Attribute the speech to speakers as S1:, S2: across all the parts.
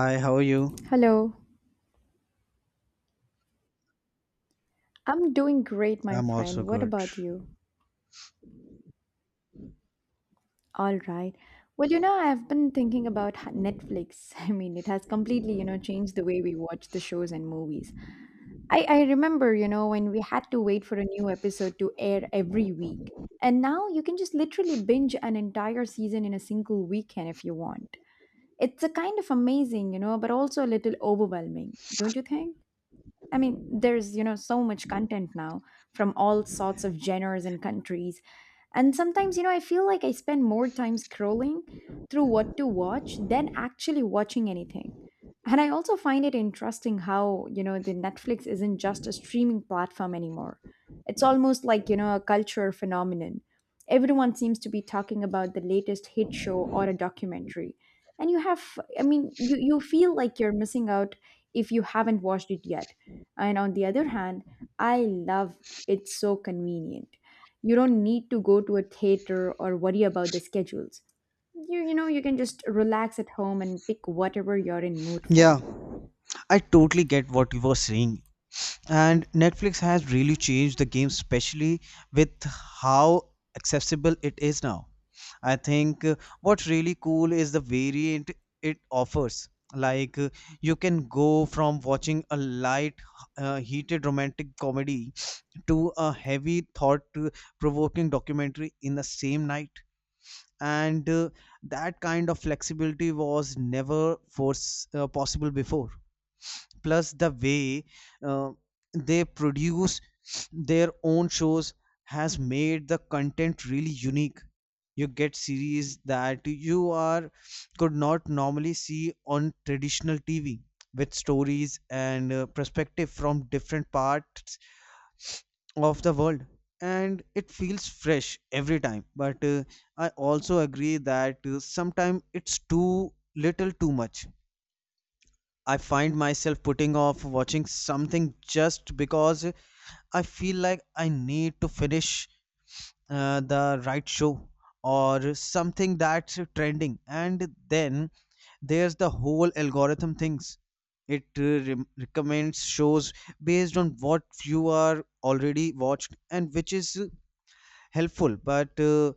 S1: Hi, how are you?
S2: Hello, I'm doing great, my
S1: I'm also
S2: friend. What
S1: good.
S2: about you? All right. Well, I've been thinking about Netflix. I mean, it has completely, changed the way we watch the shows and movies. I remember, when we had to wait for a new episode to air every week. And now you can just literally binge an entire season in a single weekend if you want. It's a kind of amazing, but also a little overwhelming, don't you think? I mean, there's, so much content now from all sorts of genres and countries. And sometimes, I feel like I spend more time scrolling through what to watch than actually watching anything. And I also find it interesting how, the Netflix isn't just a streaming platform anymore. It's almost like, a cultural phenomenon. Everyone seems to be talking about the latest hit show or a documentary. And you have, I mean, you feel like you're missing out if you haven't watched it yet, and on the other hand, I loved it's so convenient. You don't need to go to a theater or worry about the schedules. You can just relax at home and pick whatever you're in mood
S1: Yeah,
S2: for.
S1: I totally get what you were saying. And Netflix has really changed the game, especially with how accessible it is now. I think what's really cool is the variant it offers. Like, you can go from watching a light, heated romantic comedy to a heavy, thought-provoking documentary in the same night. And that kind of flexibility was never force possible before. Plus the way uh, they produce their own shows has made the content really unique. You get series that you are could not normally see on traditional TV, with stories and perspective from different parts of the world, and it feels fresh every time. But I also agree that sometimes it's too little too much. I find myself putting off watching something just because I feel like I need to finish the right show or something that's trending. And then there's the whole algorithm things. It recommends shows based on what you are already watched, and which is helpful. But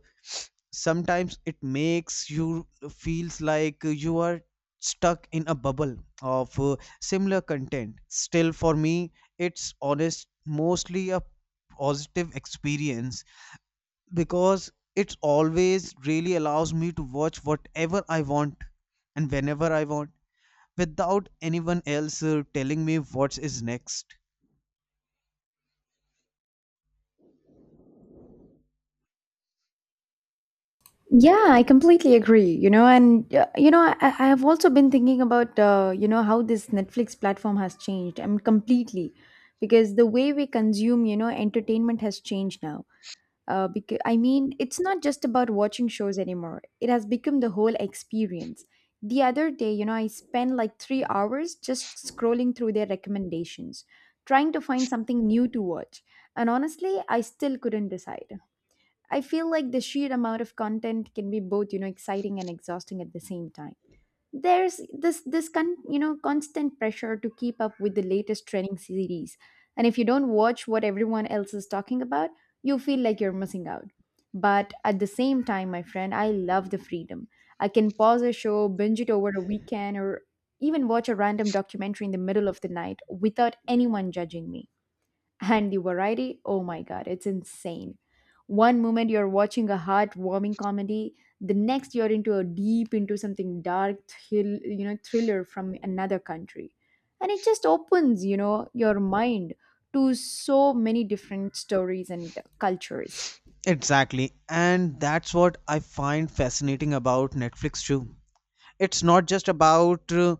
S1: sometimes it makes you feels like you are stuck in a bubble of similar content. Still, for me, it's honest mostly a positive experience because it's always really allows me to watch whatever I want and whenever I want, without anyone else telling me what is next.
S2: Yeah, I completely agree. And I have also been thinking about how this Netflix platform has changed. I mean, completely, because the way we consume, entertainment has changed now. Because I mean, it's not just about watching shows anymore. It has become the whole experience. The other day, I spent like 3 hours just scrolling through their recommendations, trying to find something new to watch. And honestly, I still couldn't decide. I feel like the sheer amount of content can be both, exciting and exhausting at the same time. There's this constant pressure to keep up with the latest trending series, and if you don't watch what everyone else is talking about, you feel like you're missing out. But at the same time, my friend, I love the freedom. I can pause a show, binge it over a weekend, or even watch a random documentary in the middle of the night without anyone judging me. And the variety, oh my god, it's insane. One moment you're watching a heartwarming comedy, the next you're into a deep into something dark, thriller from another country. And it just opens, your mind to so many different stories and cultures.
S1: Exactly, and that's what I find fascinating about Netflix too. It's not just about uh,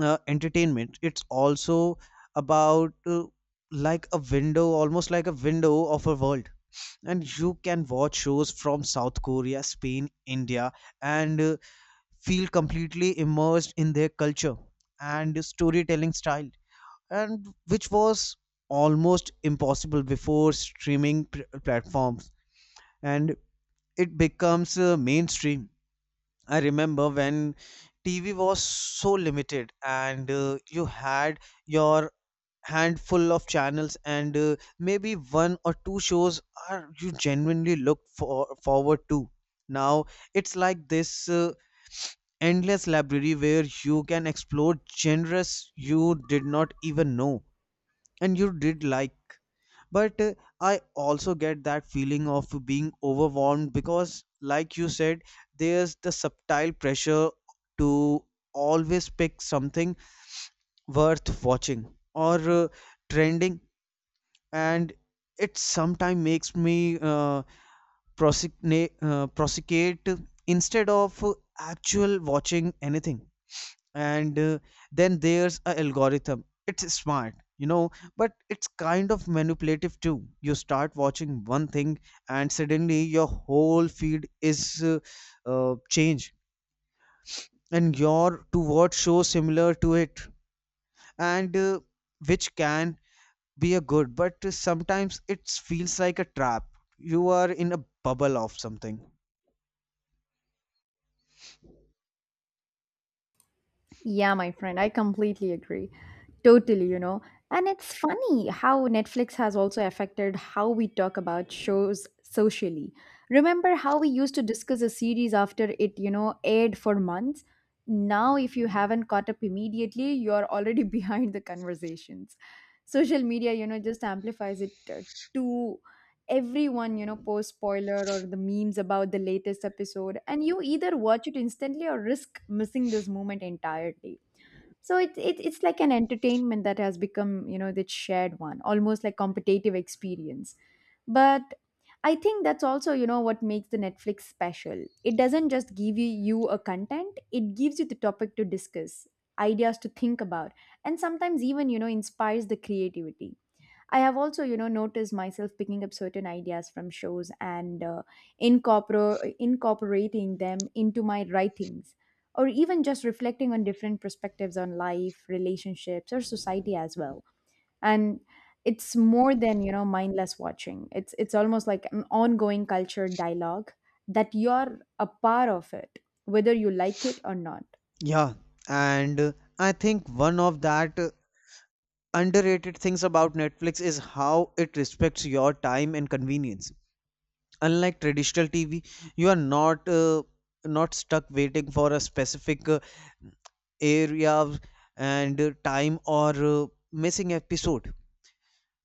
S1: uh, entertainment. It's also about, like a window, almost like a window of a world. And you can watch shows from South Korea, Spain, India, and feel completely immersed in their culture and storytelling style. And which was almost impossible before platforms. And it becomes mainstream. I remember when TV was so limited, and you had your handful of channels, and maybe one or two shows are you genuinely looked for forward to. Now it's like this endless library where you can explore genres you did not even know and you did like. But I also get that feeling of being overwhelmed because, like you said, there's the subtle pressure to always pick something worth watching, or trending. And it sometimes makes me prosecute instead of actual watching anything. And then there's a algorithm. It's smart, you know, but it's kind of manipulative too. You start watching one thing and suddenly your whole feed is changed, and your to watch show similar to it. And which can be a good, but sometimes it feels like a trap. You are in a bubble of something.
S2: Yeah, my friend, I completely agree. Totally. And it's funny how Netflix has also affected how we talk about shows socially. Remember how we used to discuss a series after it, aired for months? Now, if you haven't caught up immediately, you're already behind the conversations. Social media, just amplifies it to everyone. Post spoiler or the memes about the latest episode, and you either watch it instantly or risk missing this moment entirely. So it's like an entertainment that has become, the shared one, almost like competitive experience. But I think that's also, what makes the Netflix special. It doesn't just give you a content, it gives you the topic to discuss, ideas to think about, and sometimes even, inspires the creativity. I have also, noticed myself picking up certain ideas from shows and incorporating them into my writings, or even just reflecting on different perspectives on life, relationships, or society as well. And it's more than, mindless watching. It's almost like an ongoing culture dialogue that you're a part of it, whether you like it or not.
S1: Yeah, and I think one of that underrated things about Netflix is how it respects your time and convenience. Unlike traditional TV, you are not not stuck waiting for a specific area and time, or missing episode.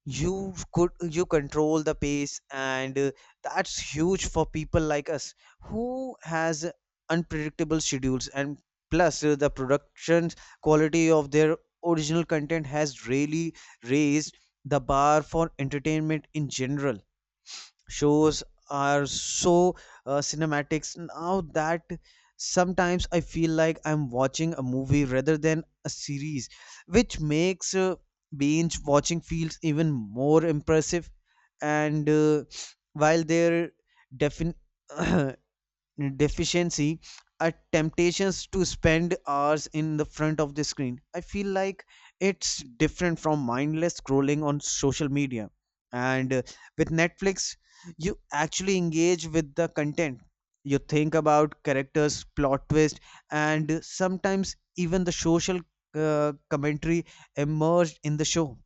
S1: You could you control the pace, and that's huge for people like us who has unpredictable schedules. And plus the production quality of their original content has really raised the bar for entertainment in general. Shows are so cinematics now that sometimes I feel like I'm watching a movie rather than a series, which makes binge watching feels even more impressive. And while there defin deficiency are temptations to spend hours in the front of the screen, I feel like it's different from mindless scrolling on social media. And with Netflix, you actually engage with the content. You think about characters, plot twist, and sometimes even the social commentary emerged in the show.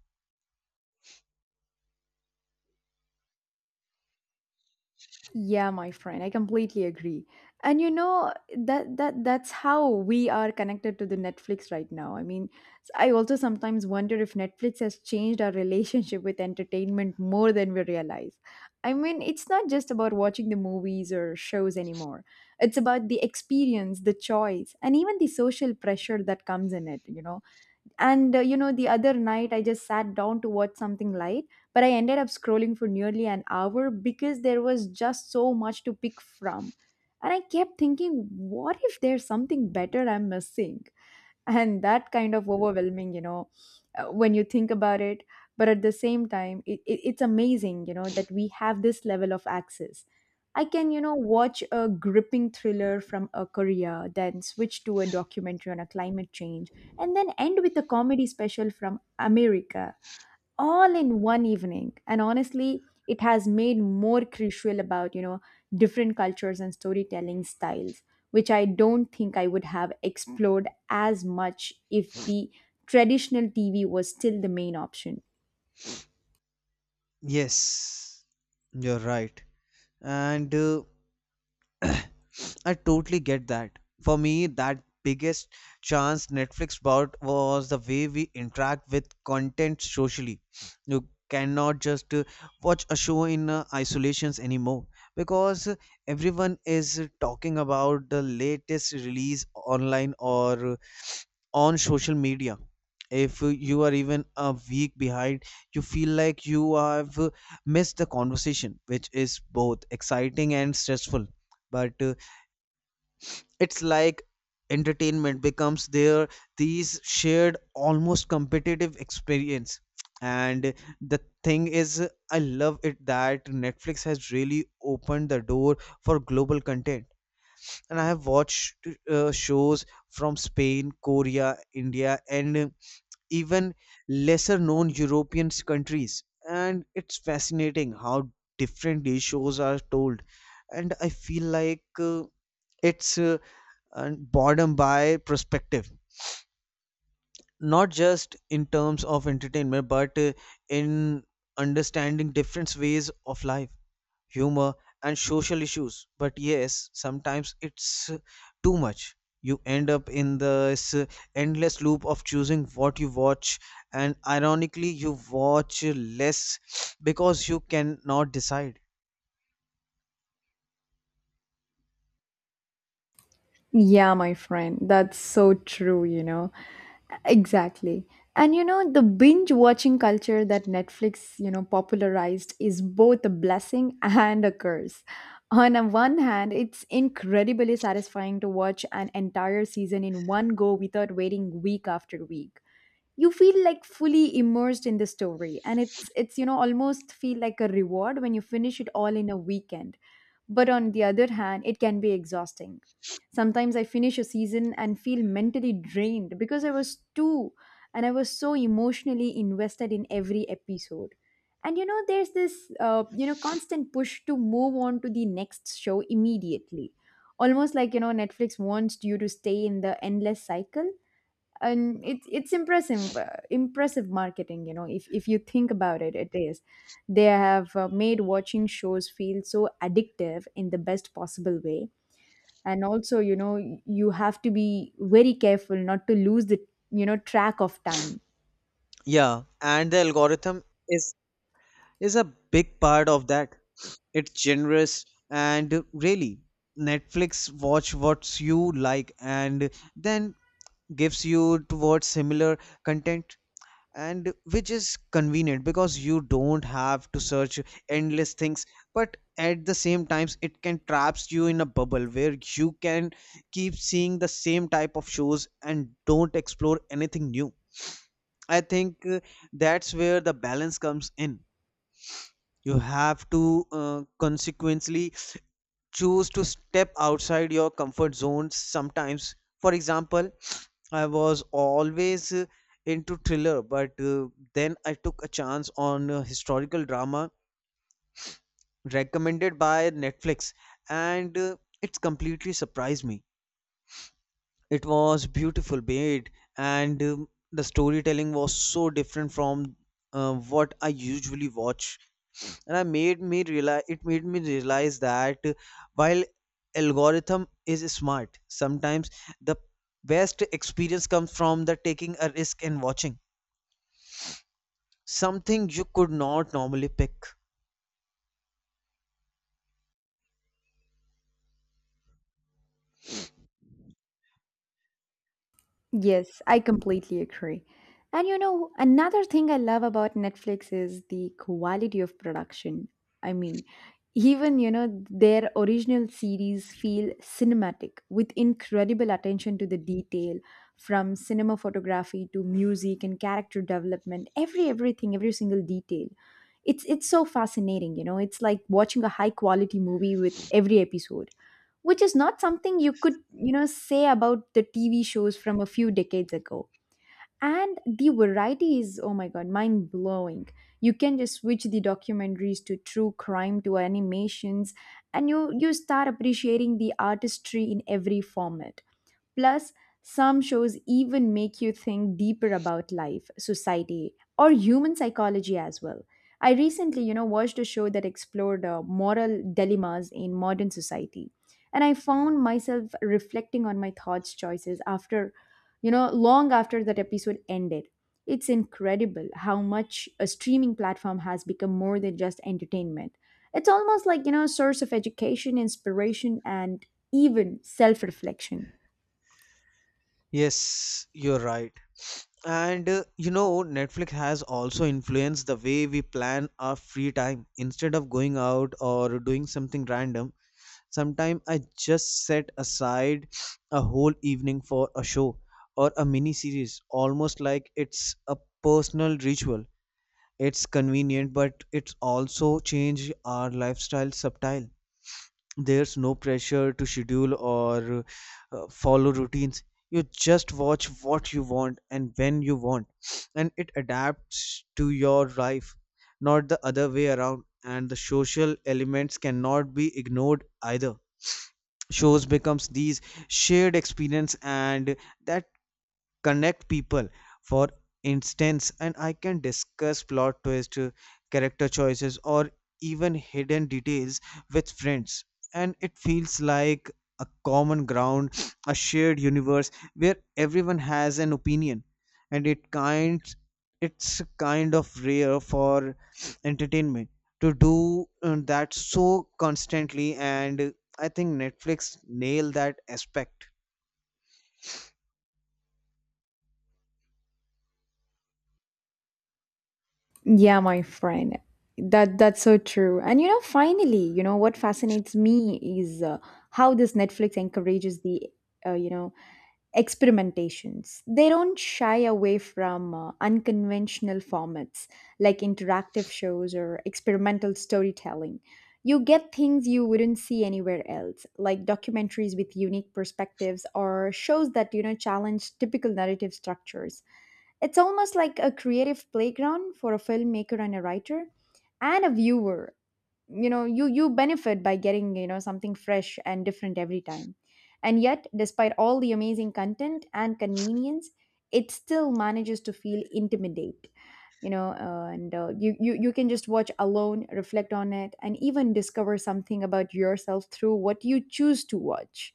S2: Yeah, my friend, I completely agree. And that that's how we are connected to the Netflix right now. I mean, I also sometimes wonder if Netflix has changed our relationship with entertainment more than we realize. I mean, it's not just about watching the movies or shows anymore. It's about the experience, the choice, and even the social pressure that comes in it, and the other night I just sat down to watch something light, but I ended up scrolling for nearly an hour because there was just so much to pick from. And I kept thinking, what if there's something better I'm missing? And that kind of overwhelming, when you think about it. But at the same time, it's amazing, that we have this level of access. I can, watch a gripping thriller from a Korea, then switch to a documentary on a climate change, and then end with a comedy special from America all in one evening. And honestly, it has made more crucial about, different cultures and storytelling styles, which I don't think I would have explored as much if the traditional TV was still the main option.
S1: Yes, you're right. And I totally get that. For me, that biggest chance Netflix brought was the way we interact with content socially. You cannot just watch a show in isolations anymore, because everyone is talking about the latest release online, or on social media. If you are even a week behind, you feel like you have missed the conversation, which is both exciting and stressful. But it's like entertainment becomes their these shared, almost competitive experience. And the thing is, I love it that Netflix has really opened the door for global content. And I have watched shows from Spain, Korea, India, and even lesser known European countries. And it's fascinating how different these shows are told. And I feel like it's and boredom by perspective, not just in terms of entertainment, but in understanding different ways of life, humor, and social issues. But yes, sometimes it's too much. You end up in this endless loop of choosing what you watch, and ironically you watch less because you cannot decide.
S2: Yeah, my friend, that's so true. Exactly. And the binge watching culture that Netflix, popularized is both a blessing and a curse. On a one hand, it's incredibly satisfying to watch an entire season in one go without waiting week after week. You feel like fully immersed in the story, and it's, almost feel like a reward when you finish it all in a weekend. But on the other hand, it can be exhausting. Sometimes I finish a season and feel mentally drained because I was too, and I was so emotionally invested in every episode. And, there's this constant push to move on to the next show immediately, almost like, Netflix wants you to stay in the endless cycle. And it's impressive, impressive marketing, if you think about it, it is. They have made watching shows feel so addictive in the best possible way. And also, you have to be very careful not to lose the, track of time.
S1: Yeah, and the algorithm is a big part of that. It's generous, and really Netflix watch what you like and then gives you towards similar content, and which is convenient because you don't have to search endless things. But at the same times it can traps you in a bubble where you can keep seeing the same type of shows and don't explore anything new. I think that's where the balance comes in. You have to uh, consequently choose to step outside your comfort zones sometimes. For example, I was always into thriller, but then I took a chance on historical drama recommended by Netflix, and it's completely surprised me. It was beautiful made, and the storytelling was so different from what I usually watch. And I made me realize it made me realize that while algorithm is smart, sometimes the best experience comes from the taking a risk and watching something you could not normally pick.
S2: Yes, I completely agree. And, another thing I love about Netflix is the quality of production. I mean, even, their original series feel cinematic with incredible attention to the detail, from cinema photography to music and character development, everything, every single detail. It's so fascinating. It's like watching a high quality movie with every episode, which is not something you could, say about the TV shows from a few decades ago. And the variety is, oh my god, mind blowing. You can just switch the documentaries to true crime to animations, and you start appreciating the artistry in every format. Plus, some shows even make you think deeper about life, society, or human psychology as well. I recently, watched a show that explored moral dilemmas in modern society, and I found myself reflecting on my thoughts choices after, long after that episode ended. It's incredible how much a streaming platform has become more than just entertainment. It's almost like, a source of education, inspiration, and even self reflection.
S1: Yes, you're right. And you know, Netflix has also influenced the way we plan our free time. Instead of going out or doing something random, sometimes I just set aside a whole evening for a show or a mini series, almost like it's a personal ritual. It's convenient, but it's also changed our lifestyle subtle. There's no pressure to schedule or follow routines. You just watch what you want and when you want, and it adapts to your life, not the other way around. And the social elements cannot be ignored either. Shows becomes these shared experience, and that connect people. For instance, and I can discuss plot twist, character choices, or even hidden details with friends. And it feels like a common ground, a shared universe where everyone has an opinion. And it's kind of rare for entertainment to do that so constantly. And I think Netflix nailed that aspect.
S2: Yeah, my friend. That's so true. And, finally, what fascinates me is, how this Netflix encourages the uh, you know experimentations. They don't shy away from unconventional formats like interactive shows or experimental storytelling. You get things you wouldn't see anywhere else, like documentaries with unique perspectives or shows that, challenge typical narrative structures. It's almost like a creative playground for a filmmaker and a writer and a viewer. You benefit by getting, something fresh and different every time. And yet, despite all the amazing content and convenience, it still manages to feel intimidate. You know, and you, you you can just watch alone, reflect on it, and even discover something about yourself through what you choose to watch.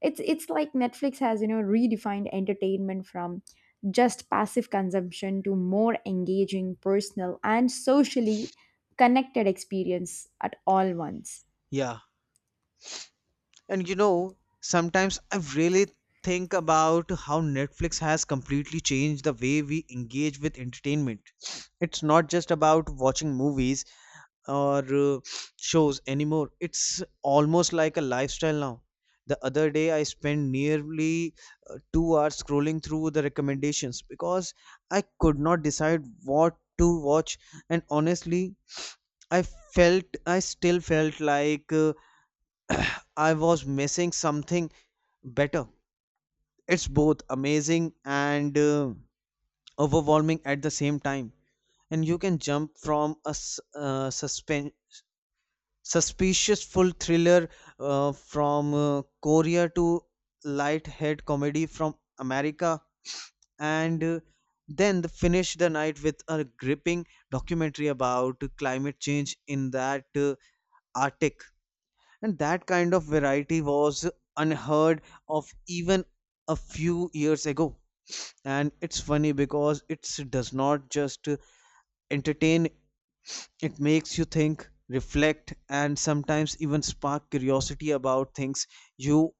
S2: It's like Netflix has, redefined entertainment from just passive consumption to more engaging, personal and socially connected experience at all once.
S1: Yeah. And you know, sometimes I really think about how Netflix has completely changed the way we engage with entertainment. It's not just about watching movies or shows anymore. It's almost like a lifestyle now. The other day, I spent nearly 2 hours scrolling through the recommendations because I could not decide what to watch, and honestly, I I still felt like I was missing something better. It's both amazing and overwhelming at the same time. And you can jump from a suspicious full thriller from Korea, to light-head comedy from America, and then finish the night with a gripping documentary about climate change in that Arctic. And that kind of variety was unheard of even a few years ago. And it's funny because it does not just entertain. It makes you think, reflect, and sometimes even spark curiosity about things you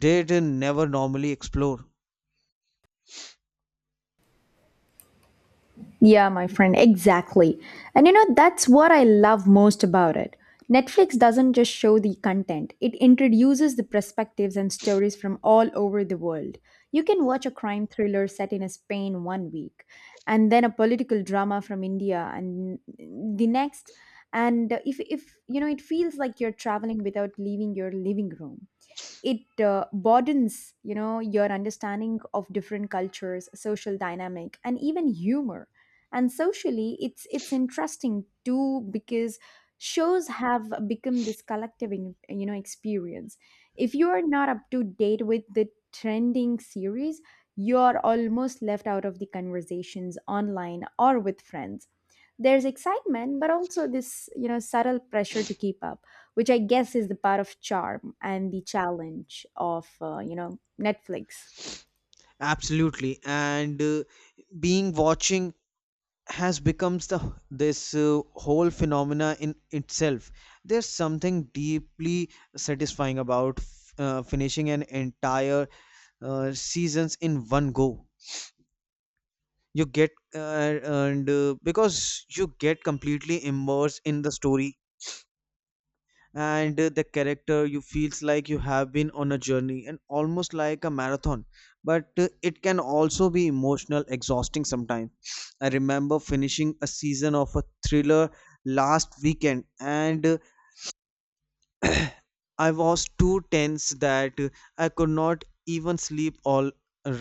S1: did never normally explore.
S2: Yeah, my friend, exactly. And, that's what I love most about it. Netflix doesn't just show the content, it introduces the perspectives and stories from all over the world. You can watch a crime thriller set in Spain one week, and then a political drama from India, and the next. And if it feels like you're traveling without leaving your living room. It broadens your understanding of different cultures, social dynamic, and even humor. And socially, it's interesting too, because shows have become this collective experience. If you are not up to date with the trending series, you're almost left out of the conversations online or with friends. There's excitement, but also this subtle pressure to keep up, which I guess is the part of charm and the challenge of Netflix.
S1: Absolutely. And being watching has becomes the this whole phenomena in itself. There's something deeply satisfying about finishing an entire seasons in one go. You get and Because you get completely immersed in the story, and the character. You feels like you have been on a journey, and almost like a marathon. But it can also be emotional exhausting sometimes. I remember finishing a season of a thriller last weekend, and I was too tense that I could not even sleep all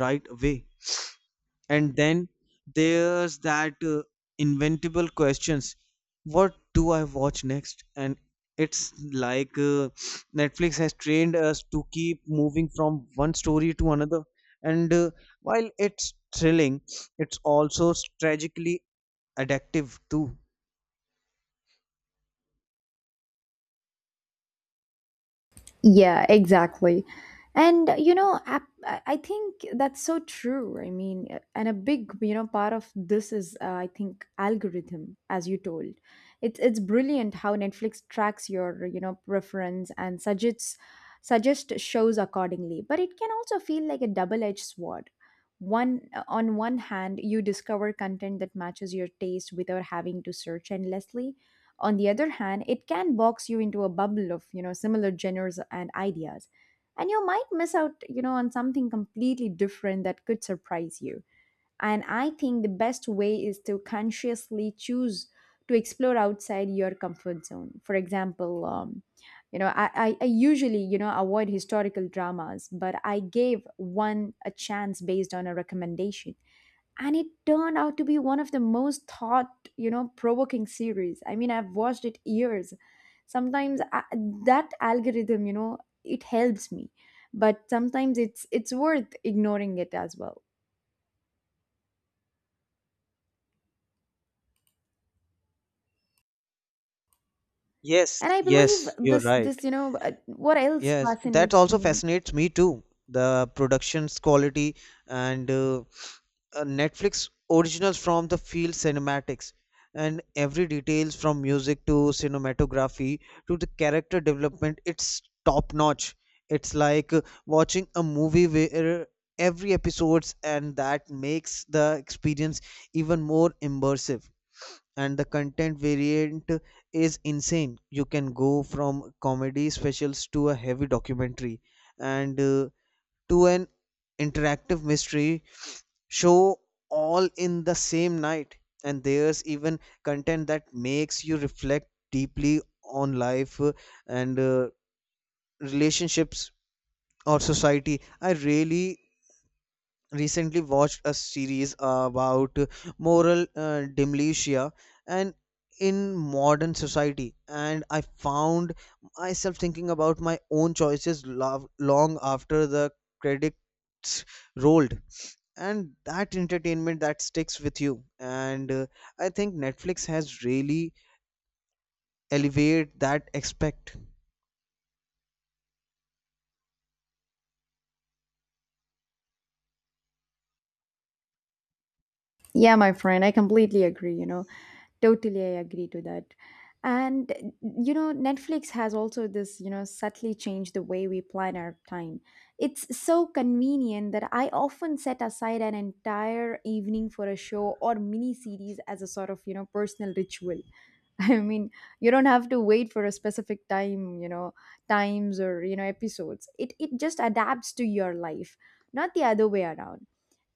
S1: right away. And then there's that inventable questions. What do I watch next? And it's like Netflix has trained us to keep moving from one story to another. And while it's thrilling, it's also tragically addictive too.
S2: Yeah, exactly. And I think that's so true. I mean, and a big, you know, part of this is I think algorithm, as you told. It's brilliant how Netflix tracks your, you know, preference and suggest shows accordingly. But it can also feel like a double-edged sword. One on one hand, you discover content that matches your taste without having to search endlessly. On the other hand, it can box you into a bubble of, you know, similar genres and ideas. And you might miss out, you know, on something completely different that could surprise you. And I think the best way is to consciously choose to explore outside your comfort zone. For example, I usually, you know, avoid historical dramas, but I gave one a chance based on a recommendation, and it turned out to be one of the most thought, you know, provoking series I mean I've watched it years. Sometimes I, that algorithm, you know, it helps me, but sometimes it's worth ignoring it as well.
S1: Yes,
S2: And I believe
S1: yes, you're
S2: this
S1: right.
S2: this you know, what else
S1: Yes, that
S2: fascinates
S1: also
S2: me.
S1: fascinates me too. The production's quality, and Netflix originals from the field cinematics, and every details from music to cinematography to the character development, it's top notch. It's like watching a movie where every episodes, and that makes the experience even more immersive. And the content variant is insane. You can go from comedy specials to a heavy documentary, and to an interactive mystery show all in the same night. And there's even content that makes you reflect deeply on life and relationships or society. I really recently watched a series about moral diminution and in modern society, and I found myself thinking about my own choices long after the credits rolled. And that entertainment that sticks with you, and I think Netflix has really elevated that aspect.
S2: Yeah, my friend, I completely agree, you know. Totally, I agree to that. And you know, Netflix has also this, you know, subtly changed the way we plan our time. It's so convenient that I often set aside an entire evening for a show or mini series as a sort of, you know, personal ritual. I mean, you don't have to wait for a specific time, you know, times or, you know, episodes. It just adapts to your life, not the other way around.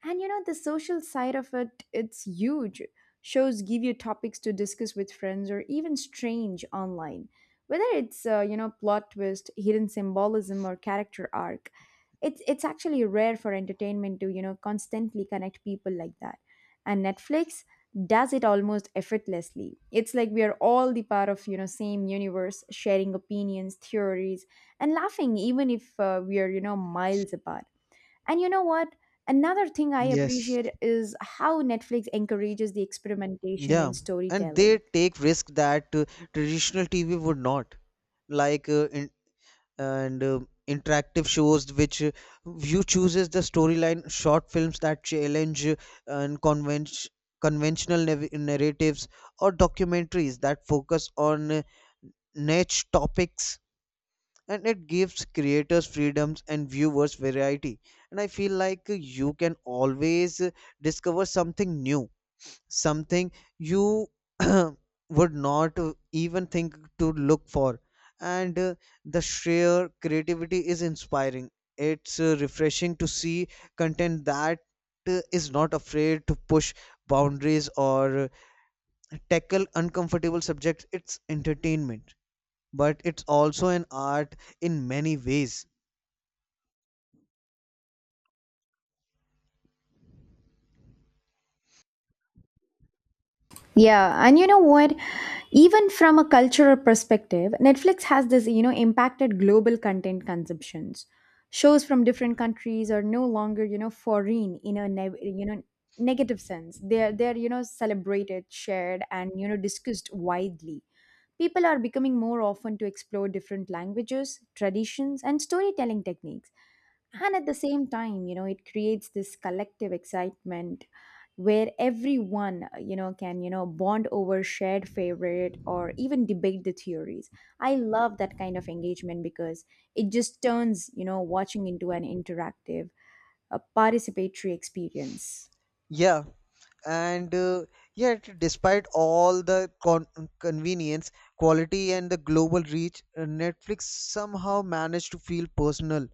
S2: And you know, the social side of it, it's huge. Shows give you topics to discuss with friends or even strange online. Whether it's, you know, plot twist, hidden symbolism or character arc, it's actually rare for entertainment to, you know, constantly connect people like that. And Netflix does it almost effortlessly. It's like we are all the part of, you know, same universe, sharing opinions, theories, and laughing even if we are, you know, miles apart. And you know what, another thing I
S1: Yes.
S2: appreciate is how Netflix encourages the experimentation
S1: Yeah.
S2: in
S1: And they
S2: storytelling.
S1: take risk that traditional TV would not, like in and interactive shows which you chooses the storyline, short films that challenge and convention conventional narratives, or documentaries that focus on niche topics. And it gives creators freedoms and viewers variety. And I feel like you can always discover something new, something you would not even think to look for. And the sheer creativity is inspiring. It's refreshing to see content that is not afraid to push boundaries or tackle uncomfortable subjects. It's entertainment, but it's also an art in many ways.
S2: Yeah, and you know what? Even from a cultural perspective, Netflix has this, you know, impacted global content consumptions. Shows from different countries are no longer, you know, foreign in a negative sense. They're you know celebrated, shared, and you know discussed widely. People are becoming more often to explore different languages, traditions, and storytelling techniques. And at the same time, you know, it creates this collective excitement where everyone, you know, can, you know, bond over shared favorite or even debate the theories. I love that kind of engagement because it just turns, you know, watching into an interactive, a participatory experience.
S1: Yeah. And yet despite all the convenience, quality and the global reach, Netflix somehow managed to feel personal.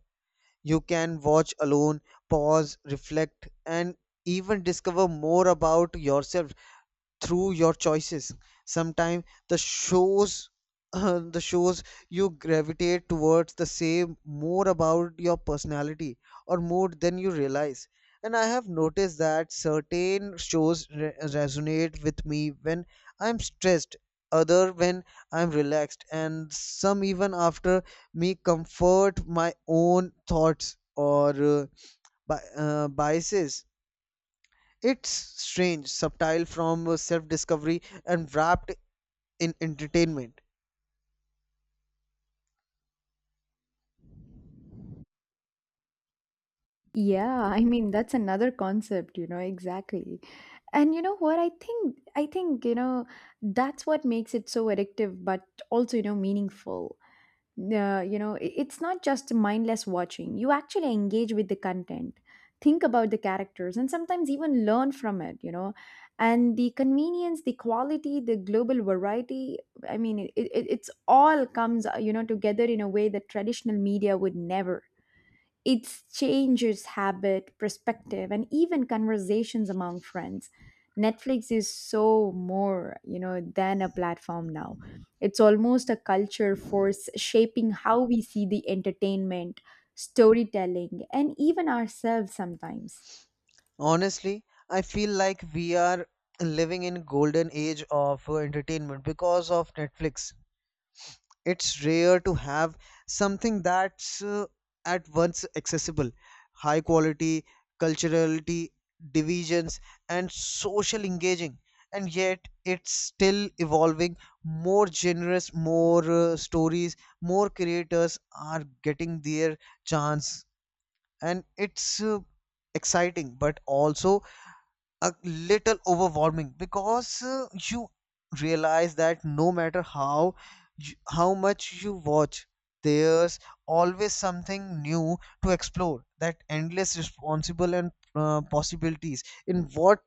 S1: You can watch alone, pause, reflect and even discover more about yourself through your choices. Sometimes the shows the shows you gravitate towards the same more about your personality or mood than you realize. And I have noticed that certain shows resonate with me when I'm stressed, other when I'm relaxed, and some even after me comfort my own thoughts or biases. It's strange, subtle from self discovery and wrapped in entertainment.
S2: Yeah, I mean that's another concept, you know, exactly. And you know what, I think, you know, that's what makes it so addictive, but also, you know, meaningful. You know, it's not just mindless watching. You actually engage with the content, think about the characters, and sometimes even learn from it, you know. And the convenience, the quality, the global variety, I mean it's all comes you know, together in a way that traditional media would never. It changes habit, perspective, and even conversations among friends. Netflix is so more, you know, than a platform now. It's almost a culture force shaping how we see the entertainment, storytelling, and even ourselves sometimes.
S1: Honestly, I feel like we are living in golden age of entertainment because of Netflix. It's rare to have something that's at once accessible, high quality, culturality, divisions and social engaging. And yet it's still evolving, more generous, more stories, more creators are getting their chance. And it's exciting but also a little overwhelming, because you realize that no matter how how much you watch, there's always something new to explore. That endless responsible and possibilities in what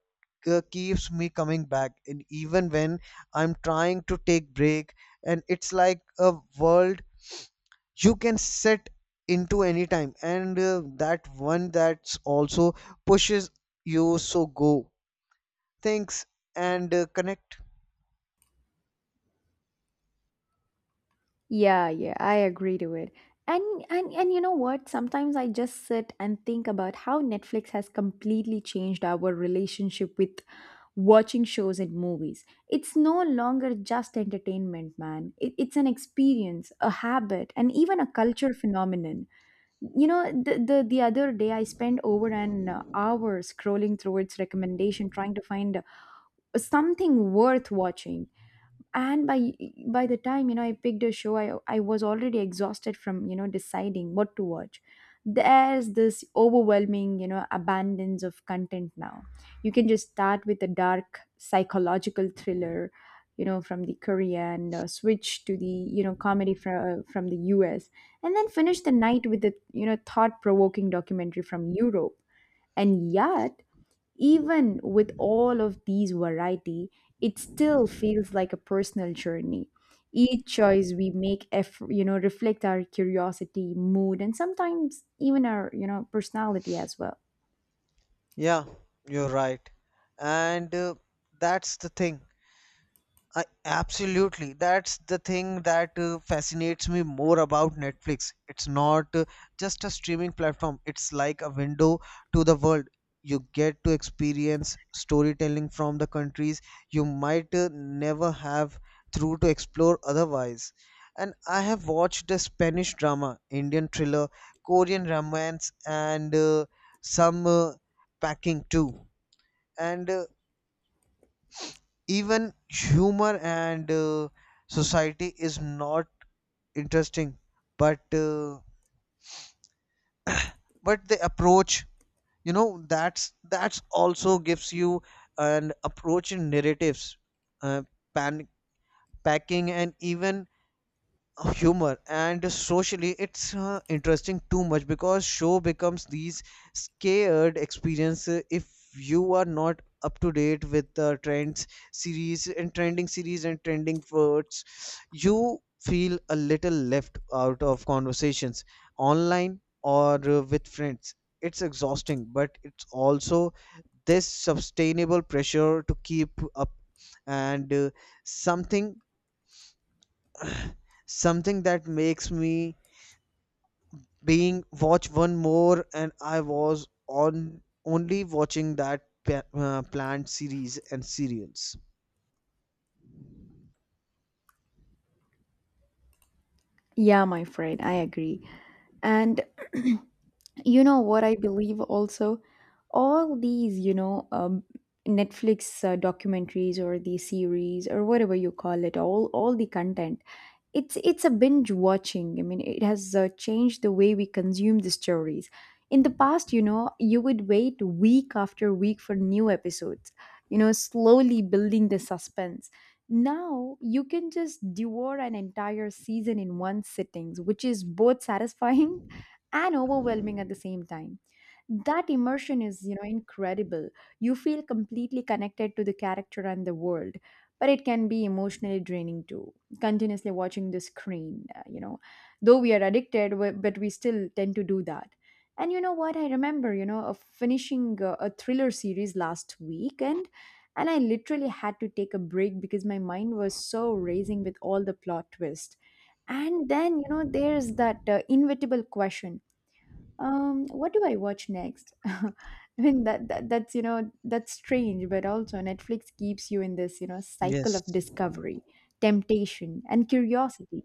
S1: keeps me coming back. And even when I'm trying to take break, and it's like a world you can set into any time. And that one, that's also pushes you so go things and connect.
S2: Yeah, yeah, I agree to it. And you know what? Sometimes I just sit and think about how Netflix has completely changed our relationship with watching shows and movies. It's no longer just entertainment, man. It's an experience, a habit, and even a culture phenomenon. You know, the other day I spent over an hour scrolling through its recommendation, trying to find something worth watching. And by the time, you know, I picked a show, I was already exhausted from, you know, deciding what to watch. There's this overwhelming, you know, abundance of content now. You can just start with a dark psychological thriller, you know, from the Korean, switch to the, you know, comedy from the US, and then finish the night with a, you know, thought provoking documentary from Europe. And yet, even with all of these variety, it still feels like a personal journey. Each choice we make, you know, reflect our curiosity, mood, and sometimes even our, you know, personality as well.
S1: Yeah, you're right. And that's the thing. I, absolutely. That's the thing that fascinates me more about Netflix. It's not just a streaming platform, it's like a window to the world. You get to experience storytelling from the countries you might never have through to explore otherwise. And I have watched the Spanish drama, Indian thriller, Korean romance, and some packing too. And even humor and society is not interesting, but uh, but the approach, you know, that's also gives you an approach in narratives, uh, pan- packing, and even humor and socially it's interesting too much, because show becomes these scared experience. Uh, if you are not up to date with the trends series and trending words, you feel a little left out of conversations online or with friends. It's exhausting, but it's also this sustainable pressure to keep up. And something something that makes me being watch one more. And I was on only watching that planned series and serials.
S2: Yeah, my friend, I agree. And you know what, I believe also, all these, you know, Netflix documentaries or the series or whatever you call it, all the content, it's a binge watching. I mean, it has changed the way we consume the stories. In the past, you know, you would wait week after week for new episodes, you know, slowly building the suspense. Now you can just devour an entire season in one sittings, which is both satisfying and overwhelming at the same time. That immersion is, you know, incredible. You feel completely connected to the character and the world, but it can be emotionally draining too, continuously watching the screen, you know, though we are addicted, but we still tend to do that. And you know what, I remember, you know, of finishing a thriller series last weekend, and I literally had to take a break because my mind was so racing with all the plot twists. And then, you know, there's that inevitable question, what do I watch next? I mean that's you know, that's strange, but also Netflix keeps you in this, you know, cycle
S1: Yes.
S2: of discovery, temptation, and curiosity,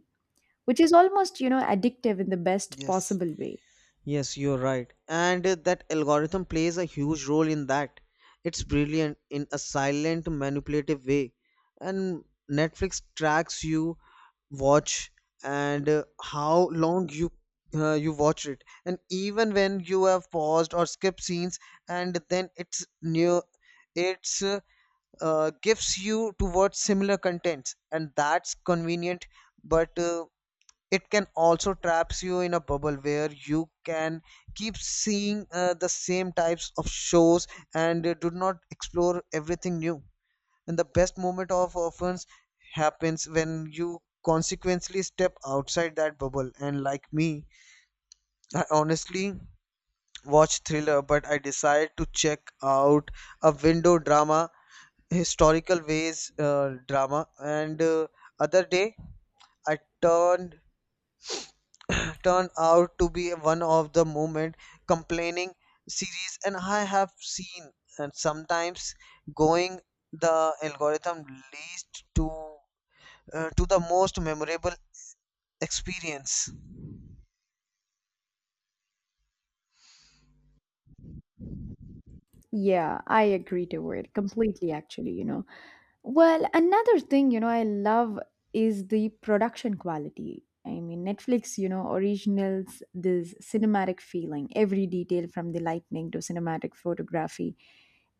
S2: which is almost, you know, addictive in the best
S1: Yes.
S2: possible way.
S1: Yes, you're right. And that algorithm plays a huge role in that. It's brilliant in a silent manipulative way. And Netflix tracks you watch, and how long you you watch it, and even when you have paused or skipped scenes. And then it's new, it's gives you towards similar contents, and that's convenient. But it can also traps you in a bubble where you can keep seeing the same types of shows, and do not explore everything new. And the best moment of offense happens when you consequently step outside that bubble. And like me, I honestly watch thriller, but I decide to check out a window drama, historical ways drama, and other day, I turned out to be one of the moment complaining series and I have seen, and sometimes going the algorithm least to the most memorable experience.
S2: Yeah, I agree to it completely. Actually, you know. Well, another thing, you know, I love is the production quality. I mean, Netflix, you know, originals, this cinematic feeling, every detail from the lightning to cinematic photography,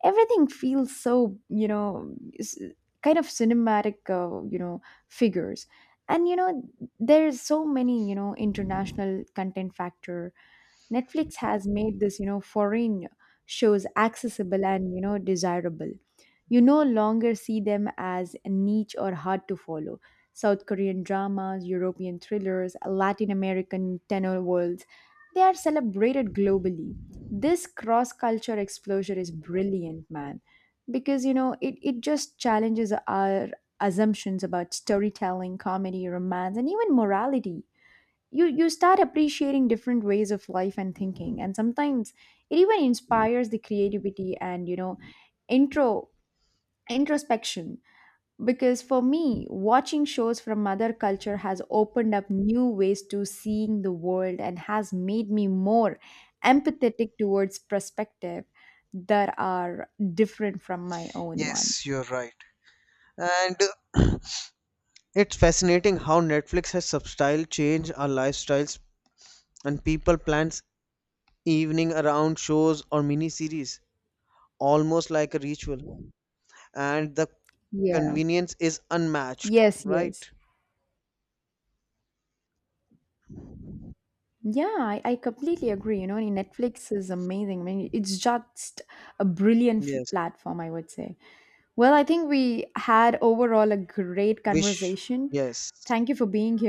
S2: everything feels so, you know, kind of cinematic, you know, figures. And, you know, there's so many, you know, international content factor. Netflix has made this, you know, foreign shows accessible and, you know, desirable. You no longer see them as niche or hard to follow. South Korean dramas, European thrillers, Latin American tenor worlds, they are celebrated globally. This cross culture exposure is brilliant, man, because you know it just challenges our assumptions about storytelling, comedy, romance, and even morality. You start appreciating different ways of life and thinking, and sometimes it even inspires the creativity and, you know, intro introspection. Because for me, watching shows from other culture has opened up new ways to seeing the world, and has made me more empathetic towards perspective that are different from my own one.
S1: Yes, you're right. And uh, it's fascinating how Netflix has substyle changed our lifestyles, and people plans evening around shows or mini series, almost like a ritual. And the
S2: Yeah,
S1: convenience is unmatched,
S2: yes, yes.
S1: right?
S2: Yeah, I completely agree. You know, and Netflix is amazing. I mean, it's just a brilliant
S1: Yes.
S2: platform, I would say. Well, I think we had overall a great
S1: Wish.
S2: conversation.
S1: Yes.
S2: Thank you for being